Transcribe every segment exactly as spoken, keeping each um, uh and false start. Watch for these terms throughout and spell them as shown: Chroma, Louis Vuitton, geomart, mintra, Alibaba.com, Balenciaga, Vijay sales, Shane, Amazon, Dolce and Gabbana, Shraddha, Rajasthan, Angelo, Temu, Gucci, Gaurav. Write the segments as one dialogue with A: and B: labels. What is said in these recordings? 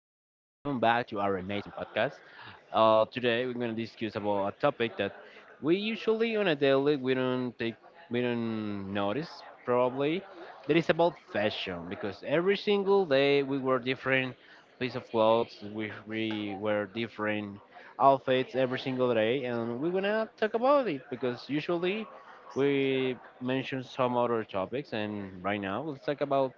A: back to our amazing podcast. Uh, today we're gonna discuss about a topic that we usually on a daily we don't take we don't notice probably. That is about fashion because every single day we wear different piece of clothes, we we wear different outfits every single day, and we're gonna talk about it because usually we mention some other topics, and right now let's talk about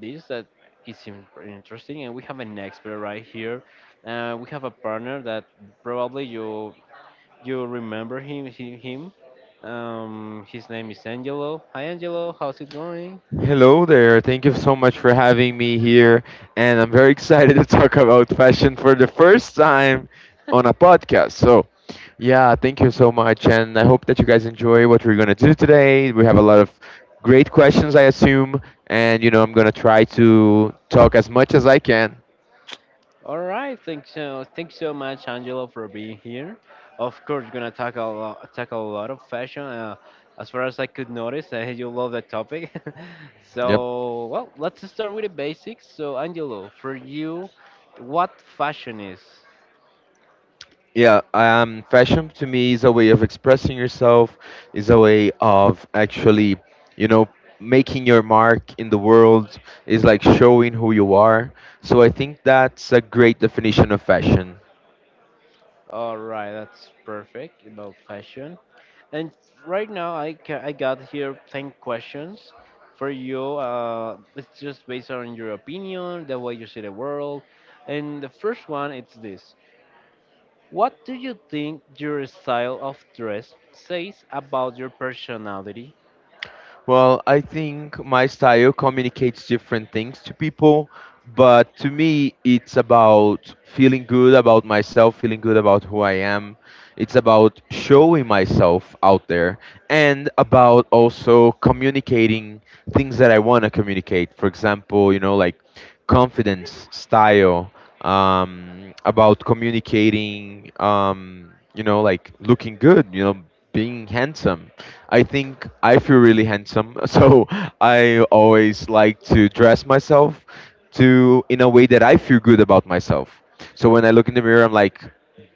A: this that is in- interesting, and we have an expert right here. Uh, we have a partner that probably you you remember him him, him. Um, his name is Angelo. Hi Angelo, how's it going?
B: Hello there. Thank you so much for having me here. And I'm very excited to talk about fashion for the first time on a podcast. So, yeah, thank you so much. And I hope that you guys enjoy what we're going to do today. We have a lot of great questions, I assume. And, you know, I'm going to try to talk as much as I can.
A: All right, thanks so thanks so much Angelo for being here. Of course, we're gonna talk a lot, talk a lot of fashion. Uh, as far as I could notice, uh, you love that topic.
B: Yep.
A: So well, let's start with the basics. So Angelo, for you, what fashion is?
B: Yeah, um, Fashion to me is a way of expressing yourself, is a way of actually, you know, making your mark in the world, is like showing who you are. So I think that's a great definition of fashion.
A: All right, that's perfect about fashion. And right now, I ca- I got here ten questions for you. Uh, it's just based on your opinion, the way you see the world. And the first one, it's this: What do you think your style of dress says about your personality?
B: Well, I think my style communicates different things to people, but to me, it's about feeling good about myself, feeling good about who I am. It's about showing myself out there and about also communicating things that I want to communicate. For example, you know, like confidence, style, um, about communicating, um, you know, like looking good, you know, being handsome. I think I feel really handsome, so I always like to dress myself to in a way that I feel good about myself. So when I look in the mirror, I'm like,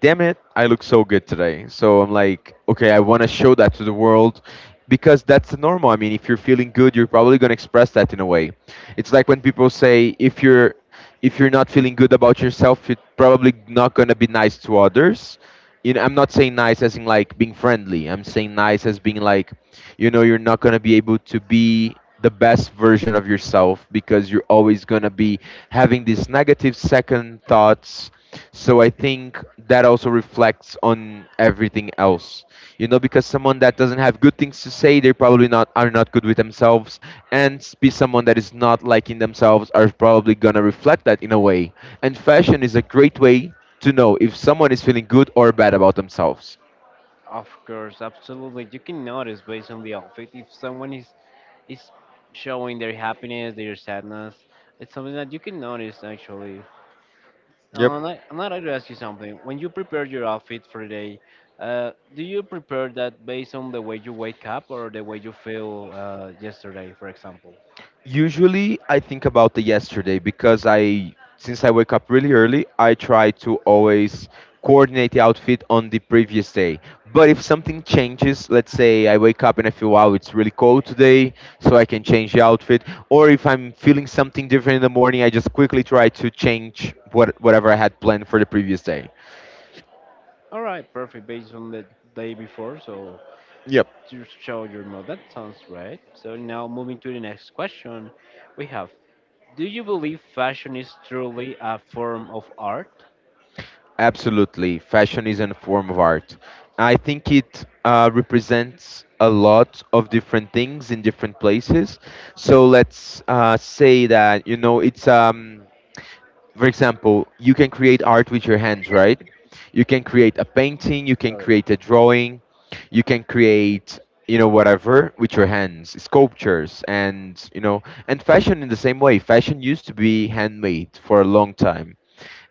B: damn it, I look so good today. So I'm like, okay, I want to show that to the world because that's normal. I mean, if you're feeling good, you're probably going to express that in a way. It's like when people say if you're if you're not feeling good about yourself, you're probably not going to be nice to others. You know, I'm not saying nice as in like being friendly. I'm saying nice as being like, you know, you're not gonna be able to be the best version of yourself because you're always gonna be having these negative second thoughts. So I think that also reflects on everything else. You know because someone that doesn't have good things to say they probably not are not good with themselves and s- be someone that is not liking themselves are probably gonna reflect that in a way and fashion is a great way to know if someone is feeling good or bad about themselves.
A: Of course, absolutely. You can notice based on the outfit if someone is is showing their happiness, their sadness. It's something that you can notice actually.
B: Yep.
A: Um, I, I'm not going to ask you something. When you prepare your outfit for the day, uh, do you prepare that based on the way you wake up or the way you feel uh, yesterday, for example?
B: Usually, I think about the yesterday because I, since I wake up really early, I try to always coordinate the outfit on the previous day. But if something changes, let's say I wake up and I feel, wow, it's really cold today, so I can change the outfit. Or if I'm feeling something different in the morning, I just quickly try to change what, whatever I had planned for the previous day.
A: All right, perfect. Based on the day before, so
B: Yep.
A: to show your mood. That sounds right. So now moving to the next question, we have: Do you believe fashion is truly a form of art?
B: Absolutely. Fashion is a form of art. I think it uh, represents a lot of different things in different places. So let's uh, say that, you know, it's, um, for example, you can create art with your hands, right? You can create a painting, you can
A: Sorry.
B: create a drawing, you can create, you know, whatever with your hands, sculptures, and, you know, and fashion in the same way. Fashion used to be handmade for a long time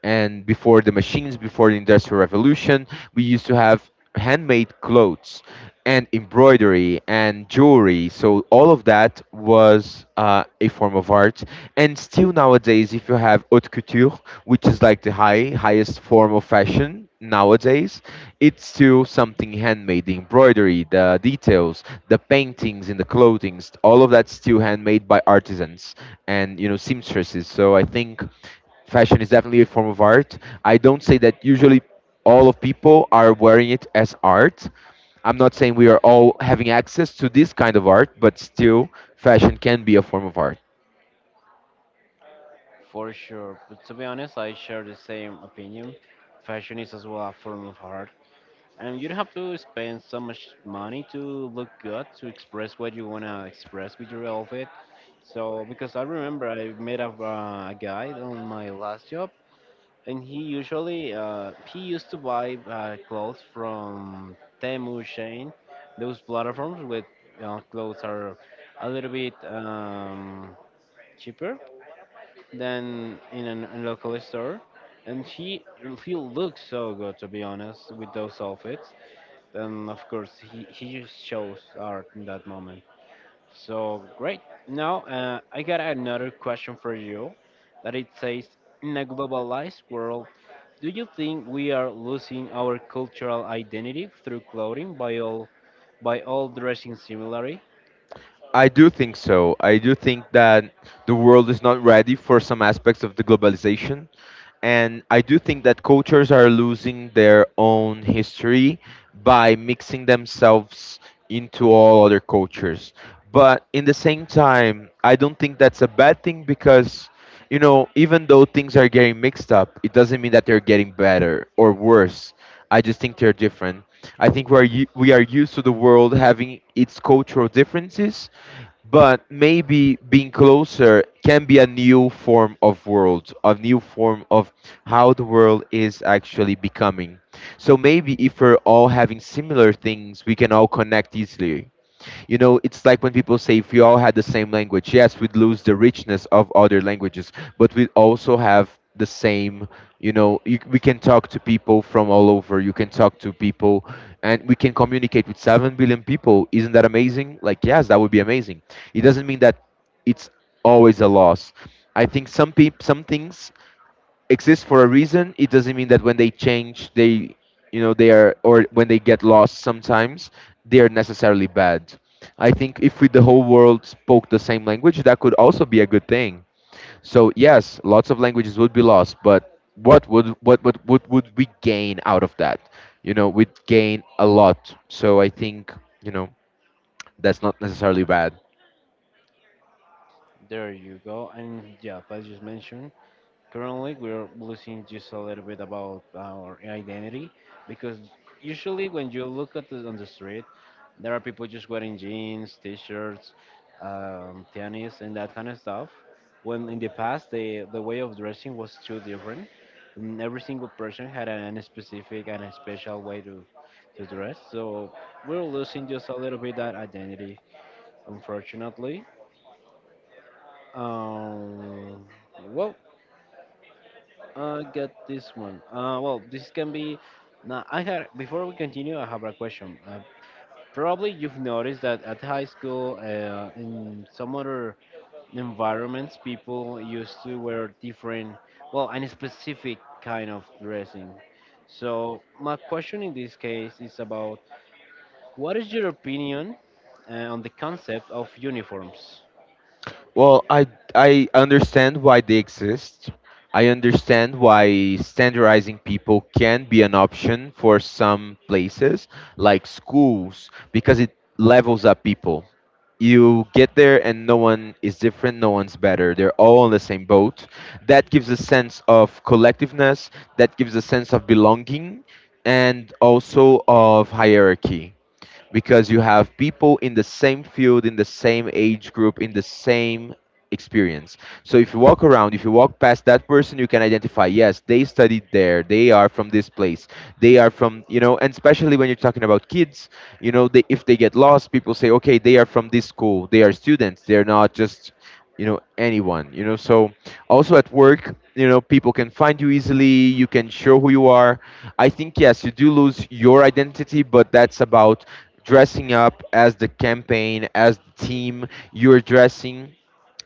B: and before the machines, before the Industrial Revolution, we used to have handmade clothes and embroidery and jewelry. So all of that was uh, a form of art. And still nowadays, if you have haute couture, which is like the high highest form of fashion nowadays, it's still something handmade. The embroidery, the details, the paintings in the clothing, all of that's still handmade by artisans and you know seamstresses. So I think fashion is definitely a form of art. I don't say that usually all of people are wearing it as art. I'm not saying we are all having access to this kind of art, but still, fashion can be a form of art.
A: For sure. But to be honest, I share the same opinion. Fashion is as well a form of art. And you don't have to spend so much money to look good to express what you want to express with your outfit. So, because I remember I met a, uh, a guy on my last job, and he usually uh, he used to buy uh, clothes from Temu, Shane, those platforms with uh, clothes are a little bit um, cheaper than in an- a local store. And he he looks so good, to be honest, with those outfits, and of course he, he just shows art in that moment. So great. Now uh, I got another question for you that it says: in a globalized world, do you think we are losing our cultural identity through clothing by all by all dressing similarly?
B: I do think so. I do think that the world is not ready for some aspects of the globalization. And I do think that cultures are losing their own history by mixing themselves into all other cultures. But in the same time, I don't think that's a bad thing because, you know, even though things are getting mixed up, it doesn't mean that they're getting better or worse. I just think they're different. I think we are u- we are used to the world having its cultural differences, but maybe being closer can be a new form of world, a new form of how the world is actually becoming. So maybe if we're all having similar things we can all connect easily. You know, it's like when people say if we all had the same language, yes, we'd lose the richness of other languages, but we also have the same, you know you, we can talk to people from all over, you can talk to people and we can communicate with seven billion people, isn't that amazing? Like yes that would be amazing. It doesn't mean that it's always a loss. I think some peop some things exists for a reason. It doesn't mean that when they change, they, you know, they are, or when they get lost sometimes, they are necessarily bad. I think if we, the whole world spoke the same language, that could also be a good thing. So yes, lots of languages would be lost, but what would what what what would we gain out of that? You know, we'd gain a lot. So I think you know that's not necessarily bad.
A: There you go. And yeah, as just mentioned, currently we're losing just a little bit about our identity because usually when you look at the, on the street, there are people just wearing jeans, t-shirts, um, tennis, and that kind of stuff. When in the past, the the way of dressing was too different. And every single person had an, a specific and a special way to to dress. So we're losing just a little bit that identity, unfortunately. Um, well, I got this one. Uh, well, this can be. Now, I had before we continue, I have a question. Uh, probably you've noticed that at high school, uh, in some other environments, people used to wear different, well, and a specific kind of dressing. So my question in this case is about what is your opinion uh, on the concept of uniforms?
B: Well, I I understand why they exist. I understand why standardizing people can be an option for some places like schools because it levels up people. You get there and no one is different, no one's better. They're all on the same boat. That gives a sense of collectiveness, that gives a sense of belonging and also of hierarchy because you have people in the same field, in the same age group, in the same experience. So if you walk around, if you walk past that person, you can identify, yes, they studied there, they are from this place, they are from, you know, and especially when you're talking about kids, you know, they, if they get lost, people say, okay, they are from this school, they are students, they're not just, you know, anyone, you know, so also at work, you know, people can find you easily, you can show who you are. I think, yes, you do lose your identity, but that's about dressing up as the campaign, as the team you're dressing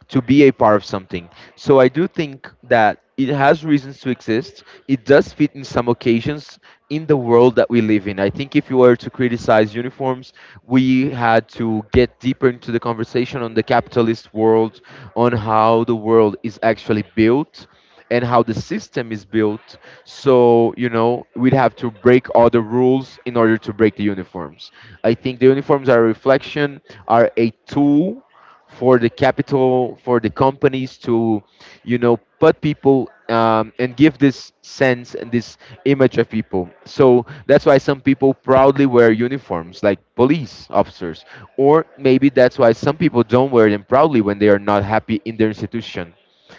B: to be a part of something. So I do think that it has reasons to exist. It does fit in some occasions in the world that we live in. I think if you were to criticize uniforms, we had to get deeper into the conversation on the capitalist world, on how the world is actually built and how the system is built. So, you know, we'd have to break all the rules in order to break the uniforms. I think the uniforms are a reflection, are a tool for the capital for the companies to you know put people um, and give this sense and this image of people so that's why some people proudly wear uniforms like police officers or maybe that's why some people don't wear them proudly when they are not happy in their institution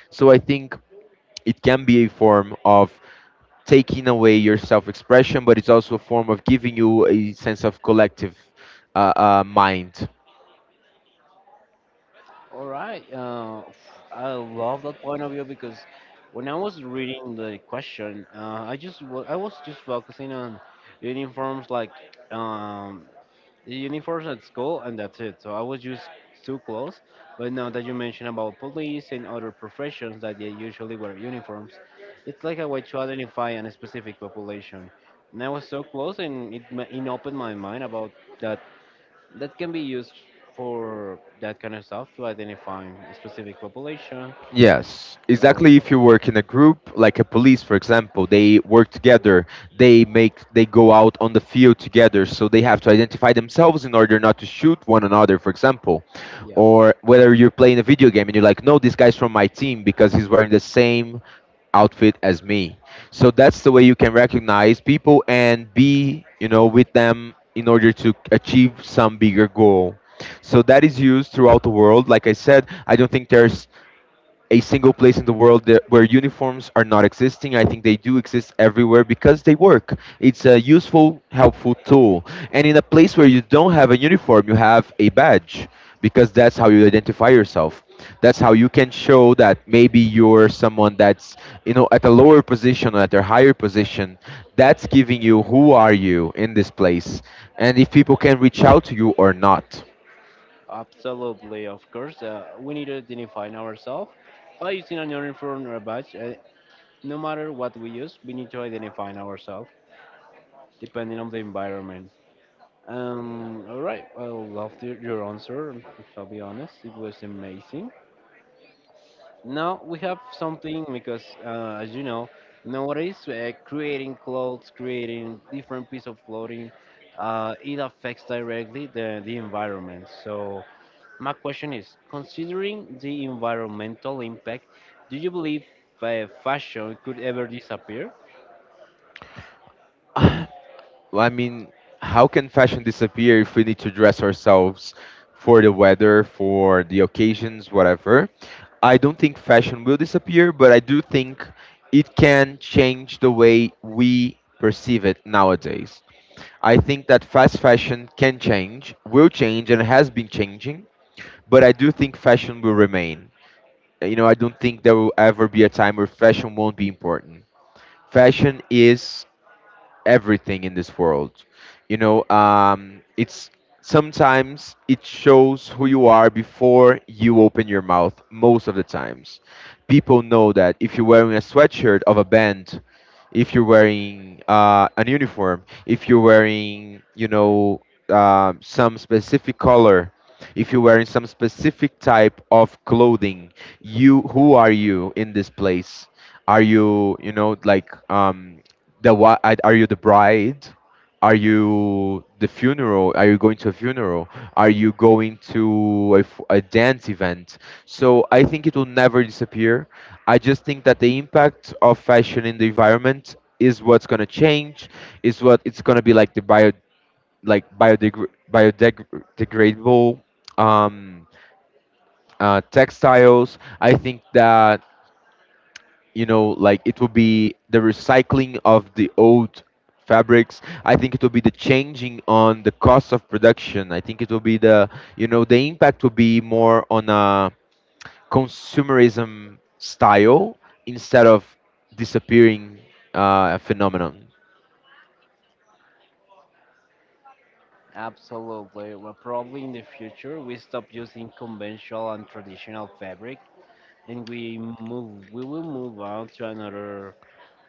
B: so I think it can be a form of taking away your self-expression but it's also a form of giving you a sense of collective uh, uh, mind.
A: All right. Uh, I love that point of view because when I was reading the question, uh, I just wa- I was just focusing on uniforms like um, the uniforms at school, and that's it. So I was just too close. But now that you mentioned about police and other professions that they usually wear uniforms, it's like a way to identify a specific population. And I was so close, and it, ma- it opened my mind about that that can be used for that kind of stuff to identify a specific population.
B: Yes,
A: Oh,
B: exactly. If you work in a group, like a police, for example, they work together. They make they go out on the field together, so they have to identify themselves in order not to shoot one another, for example.
A: yeah,
B: Or whether you're playing a video game and you're like, no, this guy's from my team because he's wearing the same outfit as me. So that's the way you can recognize people and be, you know, with them in order to achieve some bigger goal. So that is used throughout the world. Like I said, I don't think there's a single place in the world that, where uniforms are not existing. I think they do exist everywhere because they work. It's a useful, helpful tool. And in a place where you don't have a uniform, you have a badge because that's how you identify yourself. That's how you can show that maybe you're someone that's you know at a lower position or at a higher position. That's giving you who are you in this place and if people can reach out to you or not.
A: absolutely, of course. Uh, we need to identify ourselves by using an uniform or a badge. Uh, no matter what we use, we need to identify ourselves depending on the environment. Um, all right, I love your your answer. I'll be honest, it was amazing. Now we have something because, uh, as you know, nowadays uh, creating clothes, creating different piece of clothing, uh, it affects directly the, the environment. So my question is, considering the environmental impact, do you believe uh, fashion could ever disappear?
B: Well, I mean, how can fashion disappear if we need to dress ourselves for the weather, for the occasions, whatever? I don't think fashion will disappear, but I do think it can change the way we perceive it nowadays. I think that fast fashion can change, will change, and has been changing, but I do think fashion will remain. You know, I don't think there will ever be a time where fashion won't be important. Fashion is everything in this world. You know, um, it's sometimes it shows who you are before you open your mouth. Most of the times, people know that if you're wearing a sweatshirt of a band, if you're wearing uh, an uniform, if you're wearing, you know, um some specific color, if you're wearing some specific type of clothing, you who are you in this place? Are you, you know, like um, the what are you? The bride? Are you the funeral are you going to a funeral? Are you going to a, f- a dance event? So I think it will never disappear. I just think that the impact of fashion in the environment is what's going to change, is what it's going to be. Like the bio like biodegr- biodegradable um, uh, textiles, I think that, you know, like it would be the recycling of the old fabrics. I think it will be the changing on the cost of production. I think it will be the, you know, the impact will be more on a consumerism style instead of disappearing, uh, phenomenon.
A: Absolutely. Well, probably in the future we stop using conventional and traditional fabric, and we move. We will move on to another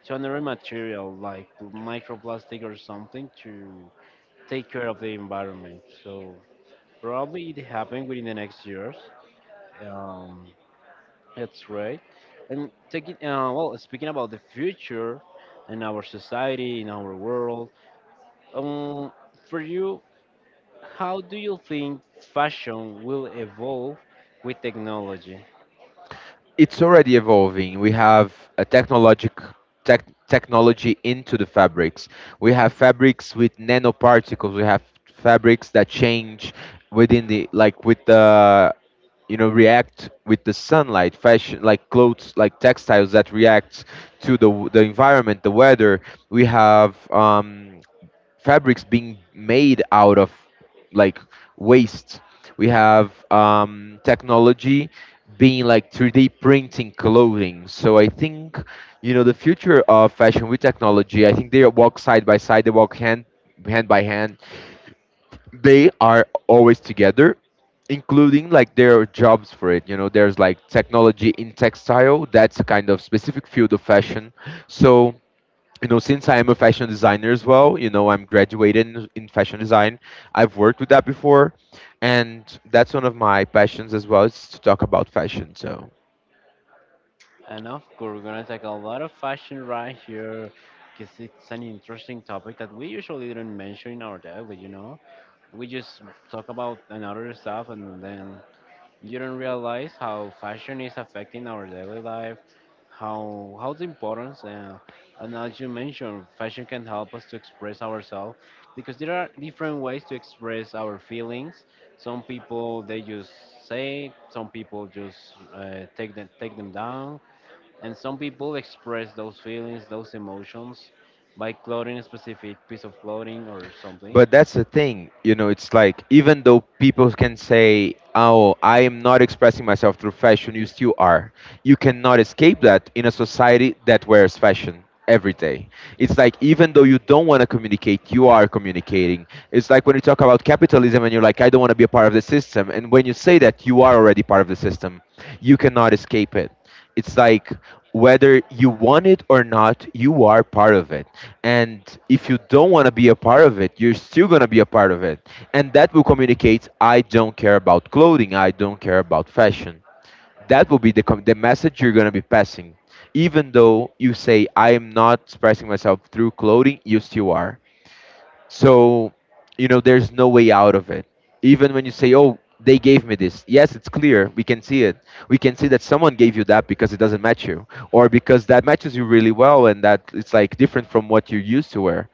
A: to another material like microplastic or something to take care of the environment. So probably it happened within the next years. Um, that's right. And taking uh, well, speaking about the future in our society, in our world, um, for you, how do you think fashion will evolve with technology?
B: It's already evolving. We have a technologic tech, technology into the fabrics. We have fabrics with nanoparticles. We have fabrics that change within the like with the, you know, react with the sunlight. Fashion, like clothes, like textiles that react to the the environment, the weather. We have um fabrics being made out of, like, waste. We have um, technology being like three D printing clothing. So I think, you know, the future of fashion with technology, I think they walk side by side. They walk hand hand by hand. They are always together, including like there are jobs for it, you know, there's like technology in textile, that's a kind of specific field of fashion. So, you know, since I am a fashion designer as well, you know, I'm graduated in, in fashion design. I've worked with that before, and that's one of my passions as well, is to talk about fashion. So
A: And of course, we're gonna take a lot of fashion right here, because it's an interesting topic that we usually don't mention in our daily, you know? We just talk about another stuff, and then you don't realize how fashion is affecting our daily life, how how the importance, uh, and as you mentioned, fashion can help us to express ourselves, because there are different ways to express our feelings. Some people they just say, some people just uh, take them take them down, and some people express those feelings, those emotions by clothing a specific piece of clothing or something.
B: but that's the thing, you know, it's like even though people can say, "Oh, I am not expressing myself through fashion," you still are. You cannot escape that in a society that wears fashion every day. It's like even though you don't want to communicate, you are communicating. It's like when you talk about capitalism and you're like, "I don't want to be a part of the system," and when you say that, you are already part of the system. You cannot escape it. It's like whether you want it or not, you are part of it, and if you don't want to be a part of it, you're still going to be a part of it, and that will communicate: I don't care about clothing, I don't care about fashion. That will be the com- the message you're going to be passing. Even though you say I am not expressing myself through clothing, you still are. So, you know, there's no way out of it. Even when you say, oh, they gave me this, yes, it's clear, we can see it. We can see that someone gave you that because it doesn't match you, or because that matches you really well and that it's like different from what you used to wear.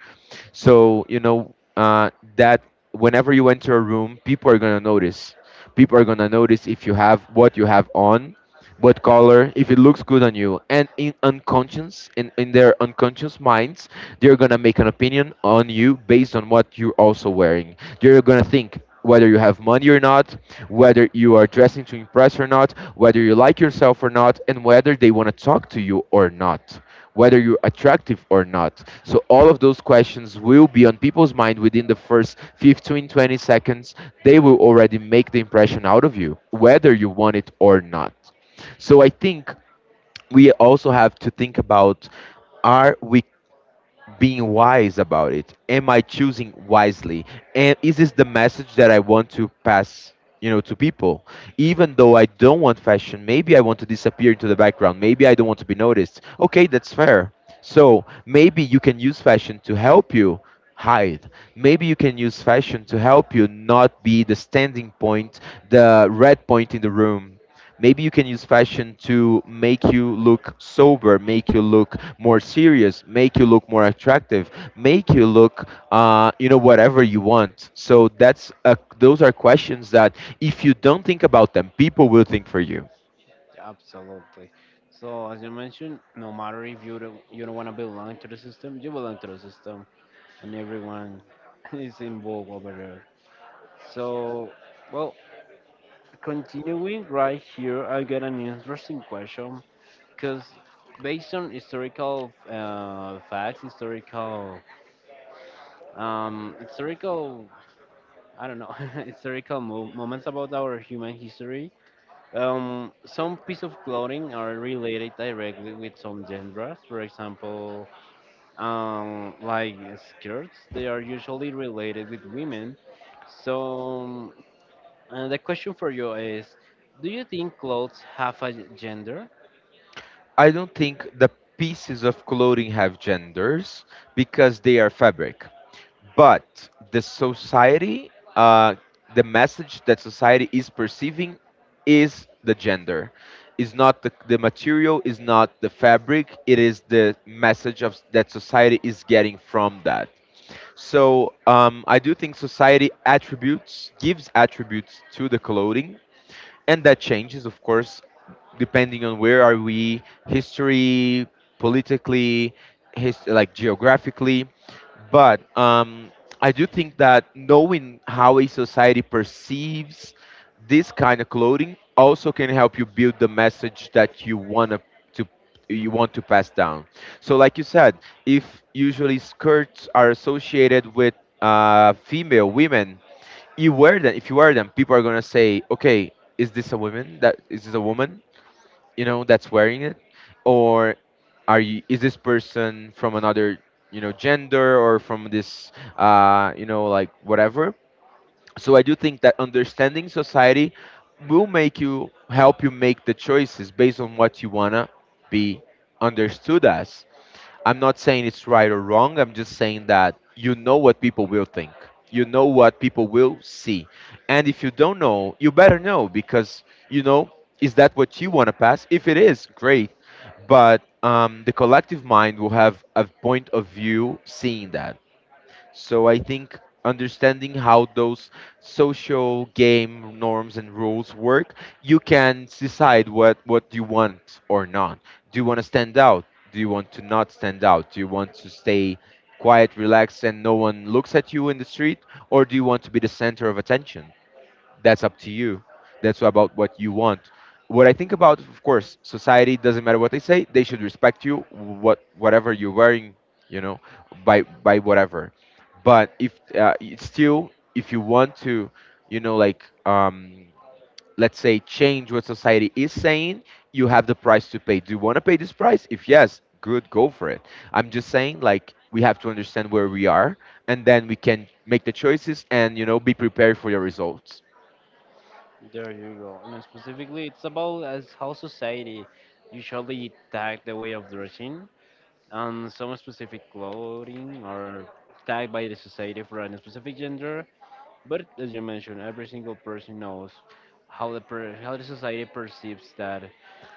B: So, you know, uh, that whenever you enter a room, people are gonna notice. People are gonna notice if you have what you have on, what color, if it looks good on you, and in unconscious, in in their unconscious minds, they're gonna make an opinion on you based on what you're also wearing. They're gonna think whether you have money or not, whether you are dressing to impress or not, whether you like yourself or not, and whether they want to talk to you or not, whether you're attractive or not. So all of those questions will be on people's mind within the first fifteen twenty seconds. They will already make the impression out of you whether you want it or not. So I think we also have to think about, are we being wise about it? Am I choosing wisely? And is this the message that I want to pass, you know, to people? Even though I don't want fashion, maybe I want to disappear into the background. Maybe I don't want to be noticed. Okay, that's fair. So maybe you can use fashion to help you hide. Maybe you can use fashion to help you not be the standing point, the red point in the room. Maybe you can use fashion to make you look sober, make you look more serious, make you look more attractive, make you look, uh, you know, whatever you want. So that's a, those are questions that if you don't think about them, people will think for you.
A: Absolutely. So as you mentioned, no matter if you don't, you don't want to belong to the system, you belong to the system, and everyone is involved over there. So, well, continuing right here, I got an interesting question because based on historical uh, facts, historical um, historical I don't know, historical mo- moments about our human history. Um, some piece of clothing are related directly with some genders. For example, um, like skirts, they are usually related with women. So uh, the question for you is, do you think clothes have a gender?
B: I don't think the pieces of clothing have genders because they are fabric. But the society, uh, the message that society is perceiving is the gender. Is not the, the material, is not the fabric, it is the message of that society is getting from that. So um, I do think society attributes gives attributes to the clothing, and that changes, of course, depending on where are we, history, politically, his, like geographically. But um, I do think that knowing how a society perceives this kind of clothing also can help you build the message that you want to to you want to pass down. So like you said, if usually skirts are associated with uh, female women, you wear them. If you wear them, people are going to say, okay, is this a woman that is this a woman, you know, that's wearing it? Or are you is this person from another, you know, gender or from this, uh you know, like whatever. So I do think that understanding society will make you help you make the choices based on what you want to be understood as. I'm not saying it's right or wrong. I'm just saying that you know what people will think. You know what people will see. And if you don't know, you better know because, you know, is that what you want to pass? If it is, great. But um, the collective mind will have a point of view seeing that. So I think understanding how those social game norms and rules work, you can decide what what you want or not. Do you want to stand out? Do you want to not stand out? Do you want to stay quiet, relaxed, and no one looks at you in the street, or do you want to be the center of attention? That's up to you. That's about what you want. What I think about, of course, society doesn't matter what they say. They should respect you, what whatever you're wearing, you know, by by whatever. But if uh, it's still, if you want to, you know, like um, let's say, change what society is saying, you have the price to pay. Do you want to pay this price? If yes, good, go for it. I'm just saying, like, we have to understand where we are, and then we can make the choices and, you know, be prepared for your results.
A: There you go. And specifically, it's about as how society usually tag the way of dressing on some specific clothing or tagged by the society for a specific gender. But as you mentioned, every single person knows how the per- how the society perceives that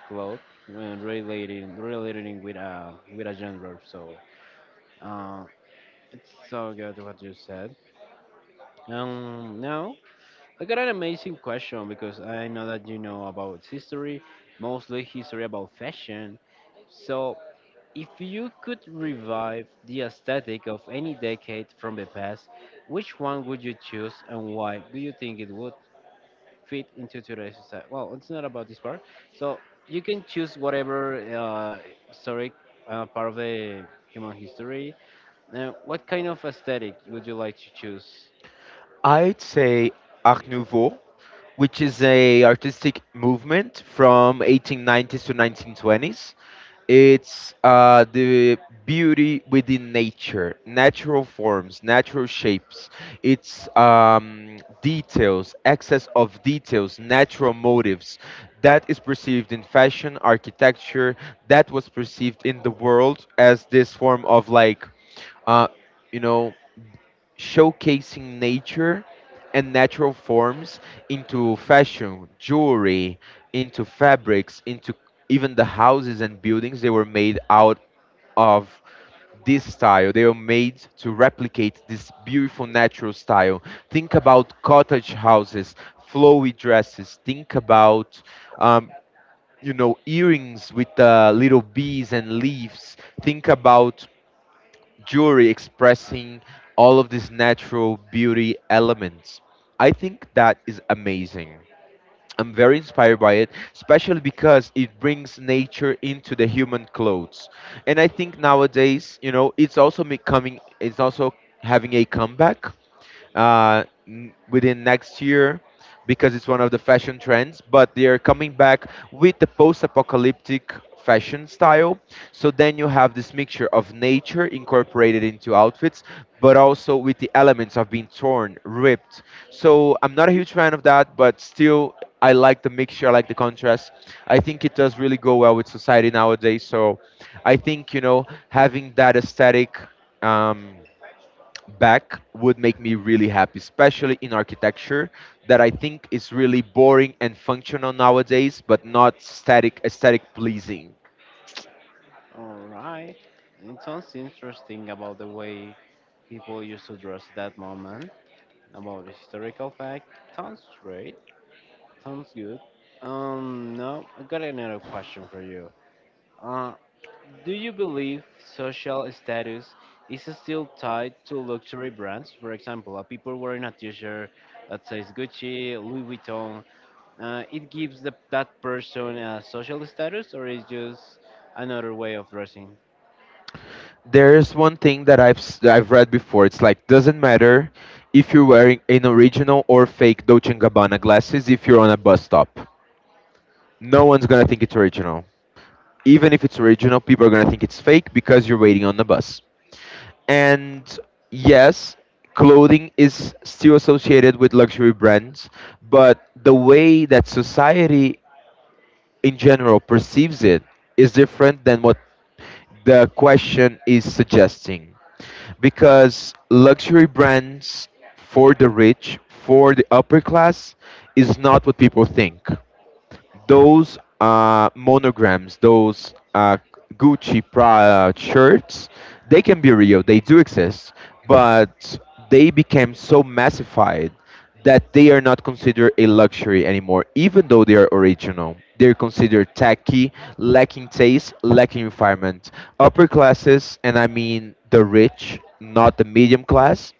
A: cloth when relating relating with a with a gender. So uh, it's so good what you said. Um, now I got an amazing question because I know that you know about history, mostly history about fashion. So if you could revive the aesthetic of any decade from the past, which one would you choose and why? Do you think it would fit into today's society? Well, it's not about this part. So you can choose whatever uh, historic uh, part of the human history. Now, what kind of aesthetic would you like to choose?
B: I'd say Art Nouveau, which is a artistic movement from eighteen nineties to nineteen twenties. It's uh, the beauty within nature, natural forms, natural shapes. It's um, details, excess of details, natural motives. That is perceived in fashion, architecture. That was perceived in the world as this form of like, uh, you know, showcasing nature and natural forms into fashion, jewelry, into fabrics, into even the houses and buildings. They were made out of this style. They were made to replicate this beautiful natural style. Think about cottage houses, flowy dresses. Think about, um, you know, earrings with uh, little bees and leaves. Think about jewelry expressing all of these natural beauty elements. I think that is amazing. I'm very inspired by it, especially because it brings nature into the human clothes. And I think nowadays, you know, it's also becoming, it's also having a comeback uh, n- within next year, because it's one of the fashion trends. But they are coming back with the post-apocalyptic fashion style. So then you have this mixture of nature incorporated into outfits, but also with the elements of being torn, ripped. So I'm not a huge fan of that, but still I like the mixture, I like the contrast. I think it does really go well with society nowadays. So I think, you know, having that aesthetic um, back would make me really happy, especially in architecture, that I think is really boring and functional nowadays, but not static, aesthetic pleasing.
A: All right. It sounds interesting about the way people used to dress at that moment, about the historical fact. Sounds great. Sounds good. Um, now I got another question for you. Uh, do you believe social status is still tied to luxury brands? For example, a people wearing a T-shirt that says Gucci, Louis Vuitton, uh, it gives the, that person a social status, or is just another way of dressing?
B: There's one thing that I've s- that I've read before. It's like doesn't matter if you're wearing an original or fake Dolce& and Gabbana glasses if you're on a bus stop. No one's gonna think it's original. Even if it's original, people are gonna think it's fake because you're waiting on the bus. And yes, clothing is still associated with luxury brands, but the way that society in general perceives it is different than what the question is suggesting, because luxury brands for the rich, for the upper class, is not what people think. Those uh, monograms, those uh, Gucci Prada shirts, they can be real. They do exist, but they became so massified that they are not considered a luxury anymore, even though they are original. They're considered tacky, lacking taste, lacking refinement. Upper classes, and I mean the rich, not the medium class,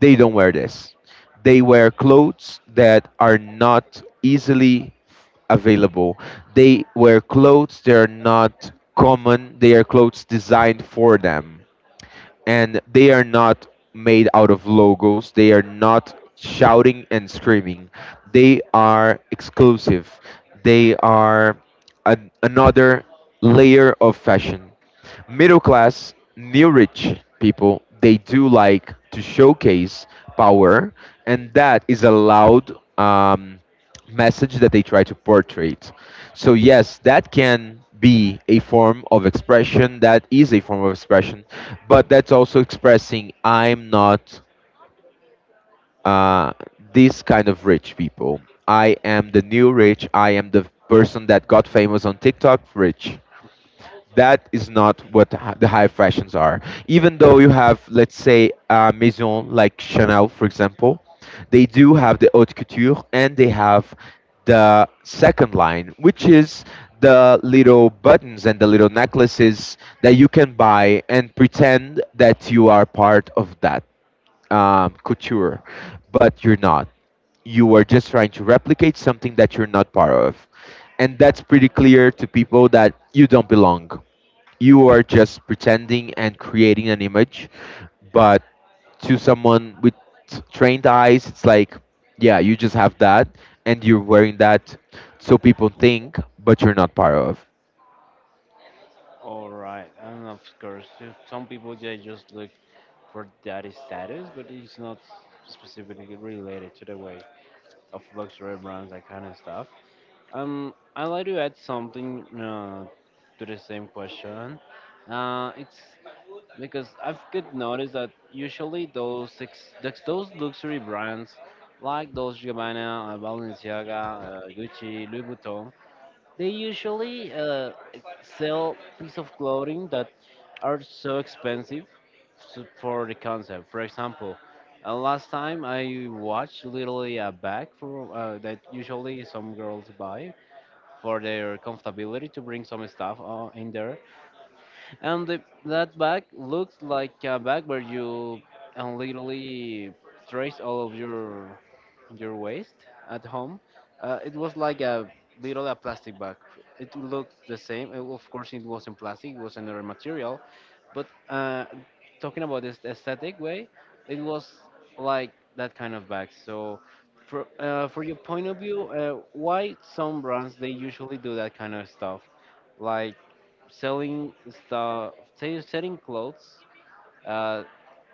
B: they don't wear this. They wear clothes that are not easily available. They wear clothes that are not common. They are clothes designed for them and they are not made out of logos. They are not shouting and screaming. They are exclusive. They are an, another layer of fashion. Middle class, new rich people, they do like to showcase power, and that is a loud um, message that they try to portray. So, yes, that can be a form of expression, that is a form of expression, but that's also expressing I'm not uh, this kind of rich people. I am the new rich. I am the person that got famous on TikTok rich, that is not what the hi- the high fashions are. Even though you have, let's say, a maison like Chanel, for example, they do have the haute couture and they have the second line, which is the little buttons and the little necklaces that you can buy and pretend that you are part of that um, couture, but you're not. You are just trying to replicate something that you're not part of. And that's pretty clear to people that you don't belong. You are just pretending and creating an image, but to someone with trained eyes, it's like, yeah, you just have that and you're wearing that so people think, but you're not part of.
A: All right, and of course, if some people they just look for that status, but it's not specifically related to the way of luxury brands, that kind of stuff. Um, I'd like to add something uh, to the same question. Uh, it's Because I've could notice that usually those six, those those luxury brands like Dolce and Gabbana, uh, Balenciaga, uh, Gucci, Louis Vuitton, they usually uh, sell piece of clothing that are so expensive s- for the concept. For example, uh, last time I watched literally a bag for uh, that usually some girls buy for their comfortability to bring some stuff uh, in there, and the, that bag looks like a bag where you uh, literally trace all of your your waste at home. Uh, it was like a little a plastic bag. It looked the same. Uh, Of course, it wasn't plastic. It was another material. But uh, talking about this aesthetic way, it was like that kind of bag. So, for uh, for your point of view, uh, why some brands they usually do that kind of stuff? Like selling stuff, say, selling clothes uh,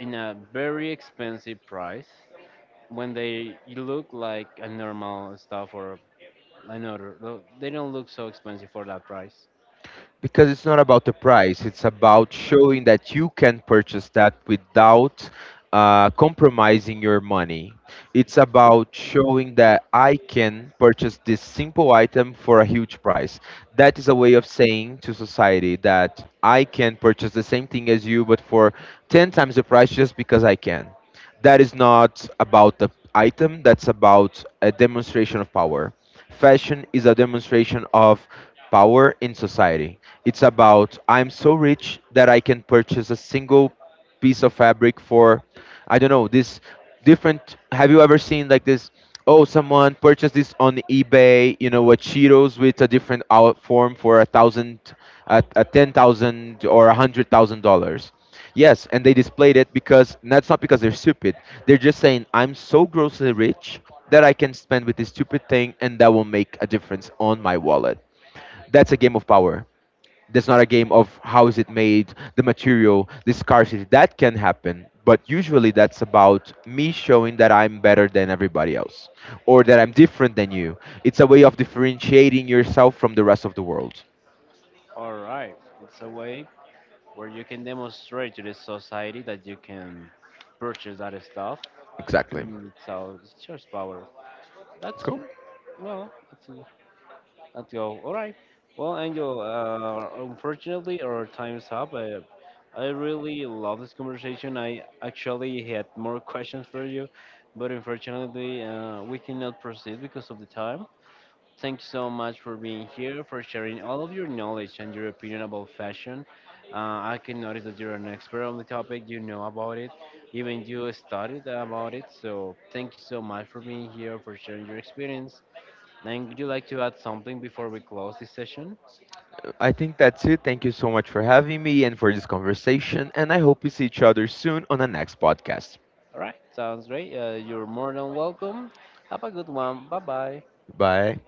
A: in a very expensive price when they look like a normal stuff or another. lo- they don't look so expensive for that price.
B: Because it's not about the price. It's about showing that you can purchase that without uh, compromising your money. It's about showing that I can purchase this simple item for a huge price. That is a way of saying to society that I can purchase the same thing as you but for ten times the price just because I can. That is not about the item, that's about a demonstration of power. Fashion is a demonstration of power in society. It's about I'm so rich that I can purchase a single piece of fabric for, I don't know, this different. Have you ever seen like this? Oh, someone purchased this on eBay, you know a Cheetos with a different out form for a thousand a, a ten thousand or a hundred thousand dollars. Yes, and they displayed it because that's not because they're stupid. They're just saying I'm so grossly rich that I can spend with this stupid thing and that will make a difference on my wallet. That's a game of power. That's not a game of how is it made, the material, the scarcity. That can happen, but usually that's about me showing that I'm better than everybody else or that I'm different than you. It's a way of differentiating yourself from the rest of the world.
A: All right, it's a way where you can demonstrate to the society that you can purchase that stuff,
B: Exactly.
A: and it's sell it's just power.
B: Let's
A: That's
B: go.
A: well, it's Let's go. All right. Well, Angel, uh, unfortunately, our time's up. Uh, I really love this conversation. I actually had more questions for you, but unfortunately, uh, we cannot proceed because of the time. Thank you so much for being here, for sharing all of your knowledge and your opinion about fashion. Uh, I can notice that you're an expert on the topic, you know about it, even you studied about it. So, thank you so much for being here, for sharing your experience. Then would you like to add something before we close this session?
B: I think that's it. Thank you so much for having me and for this conversation. And I hope we see each other soon on the next podcast.
A: All right, sounds great. Uh, you're more than welcome. Have a good one. Bye bye.
B: Bye.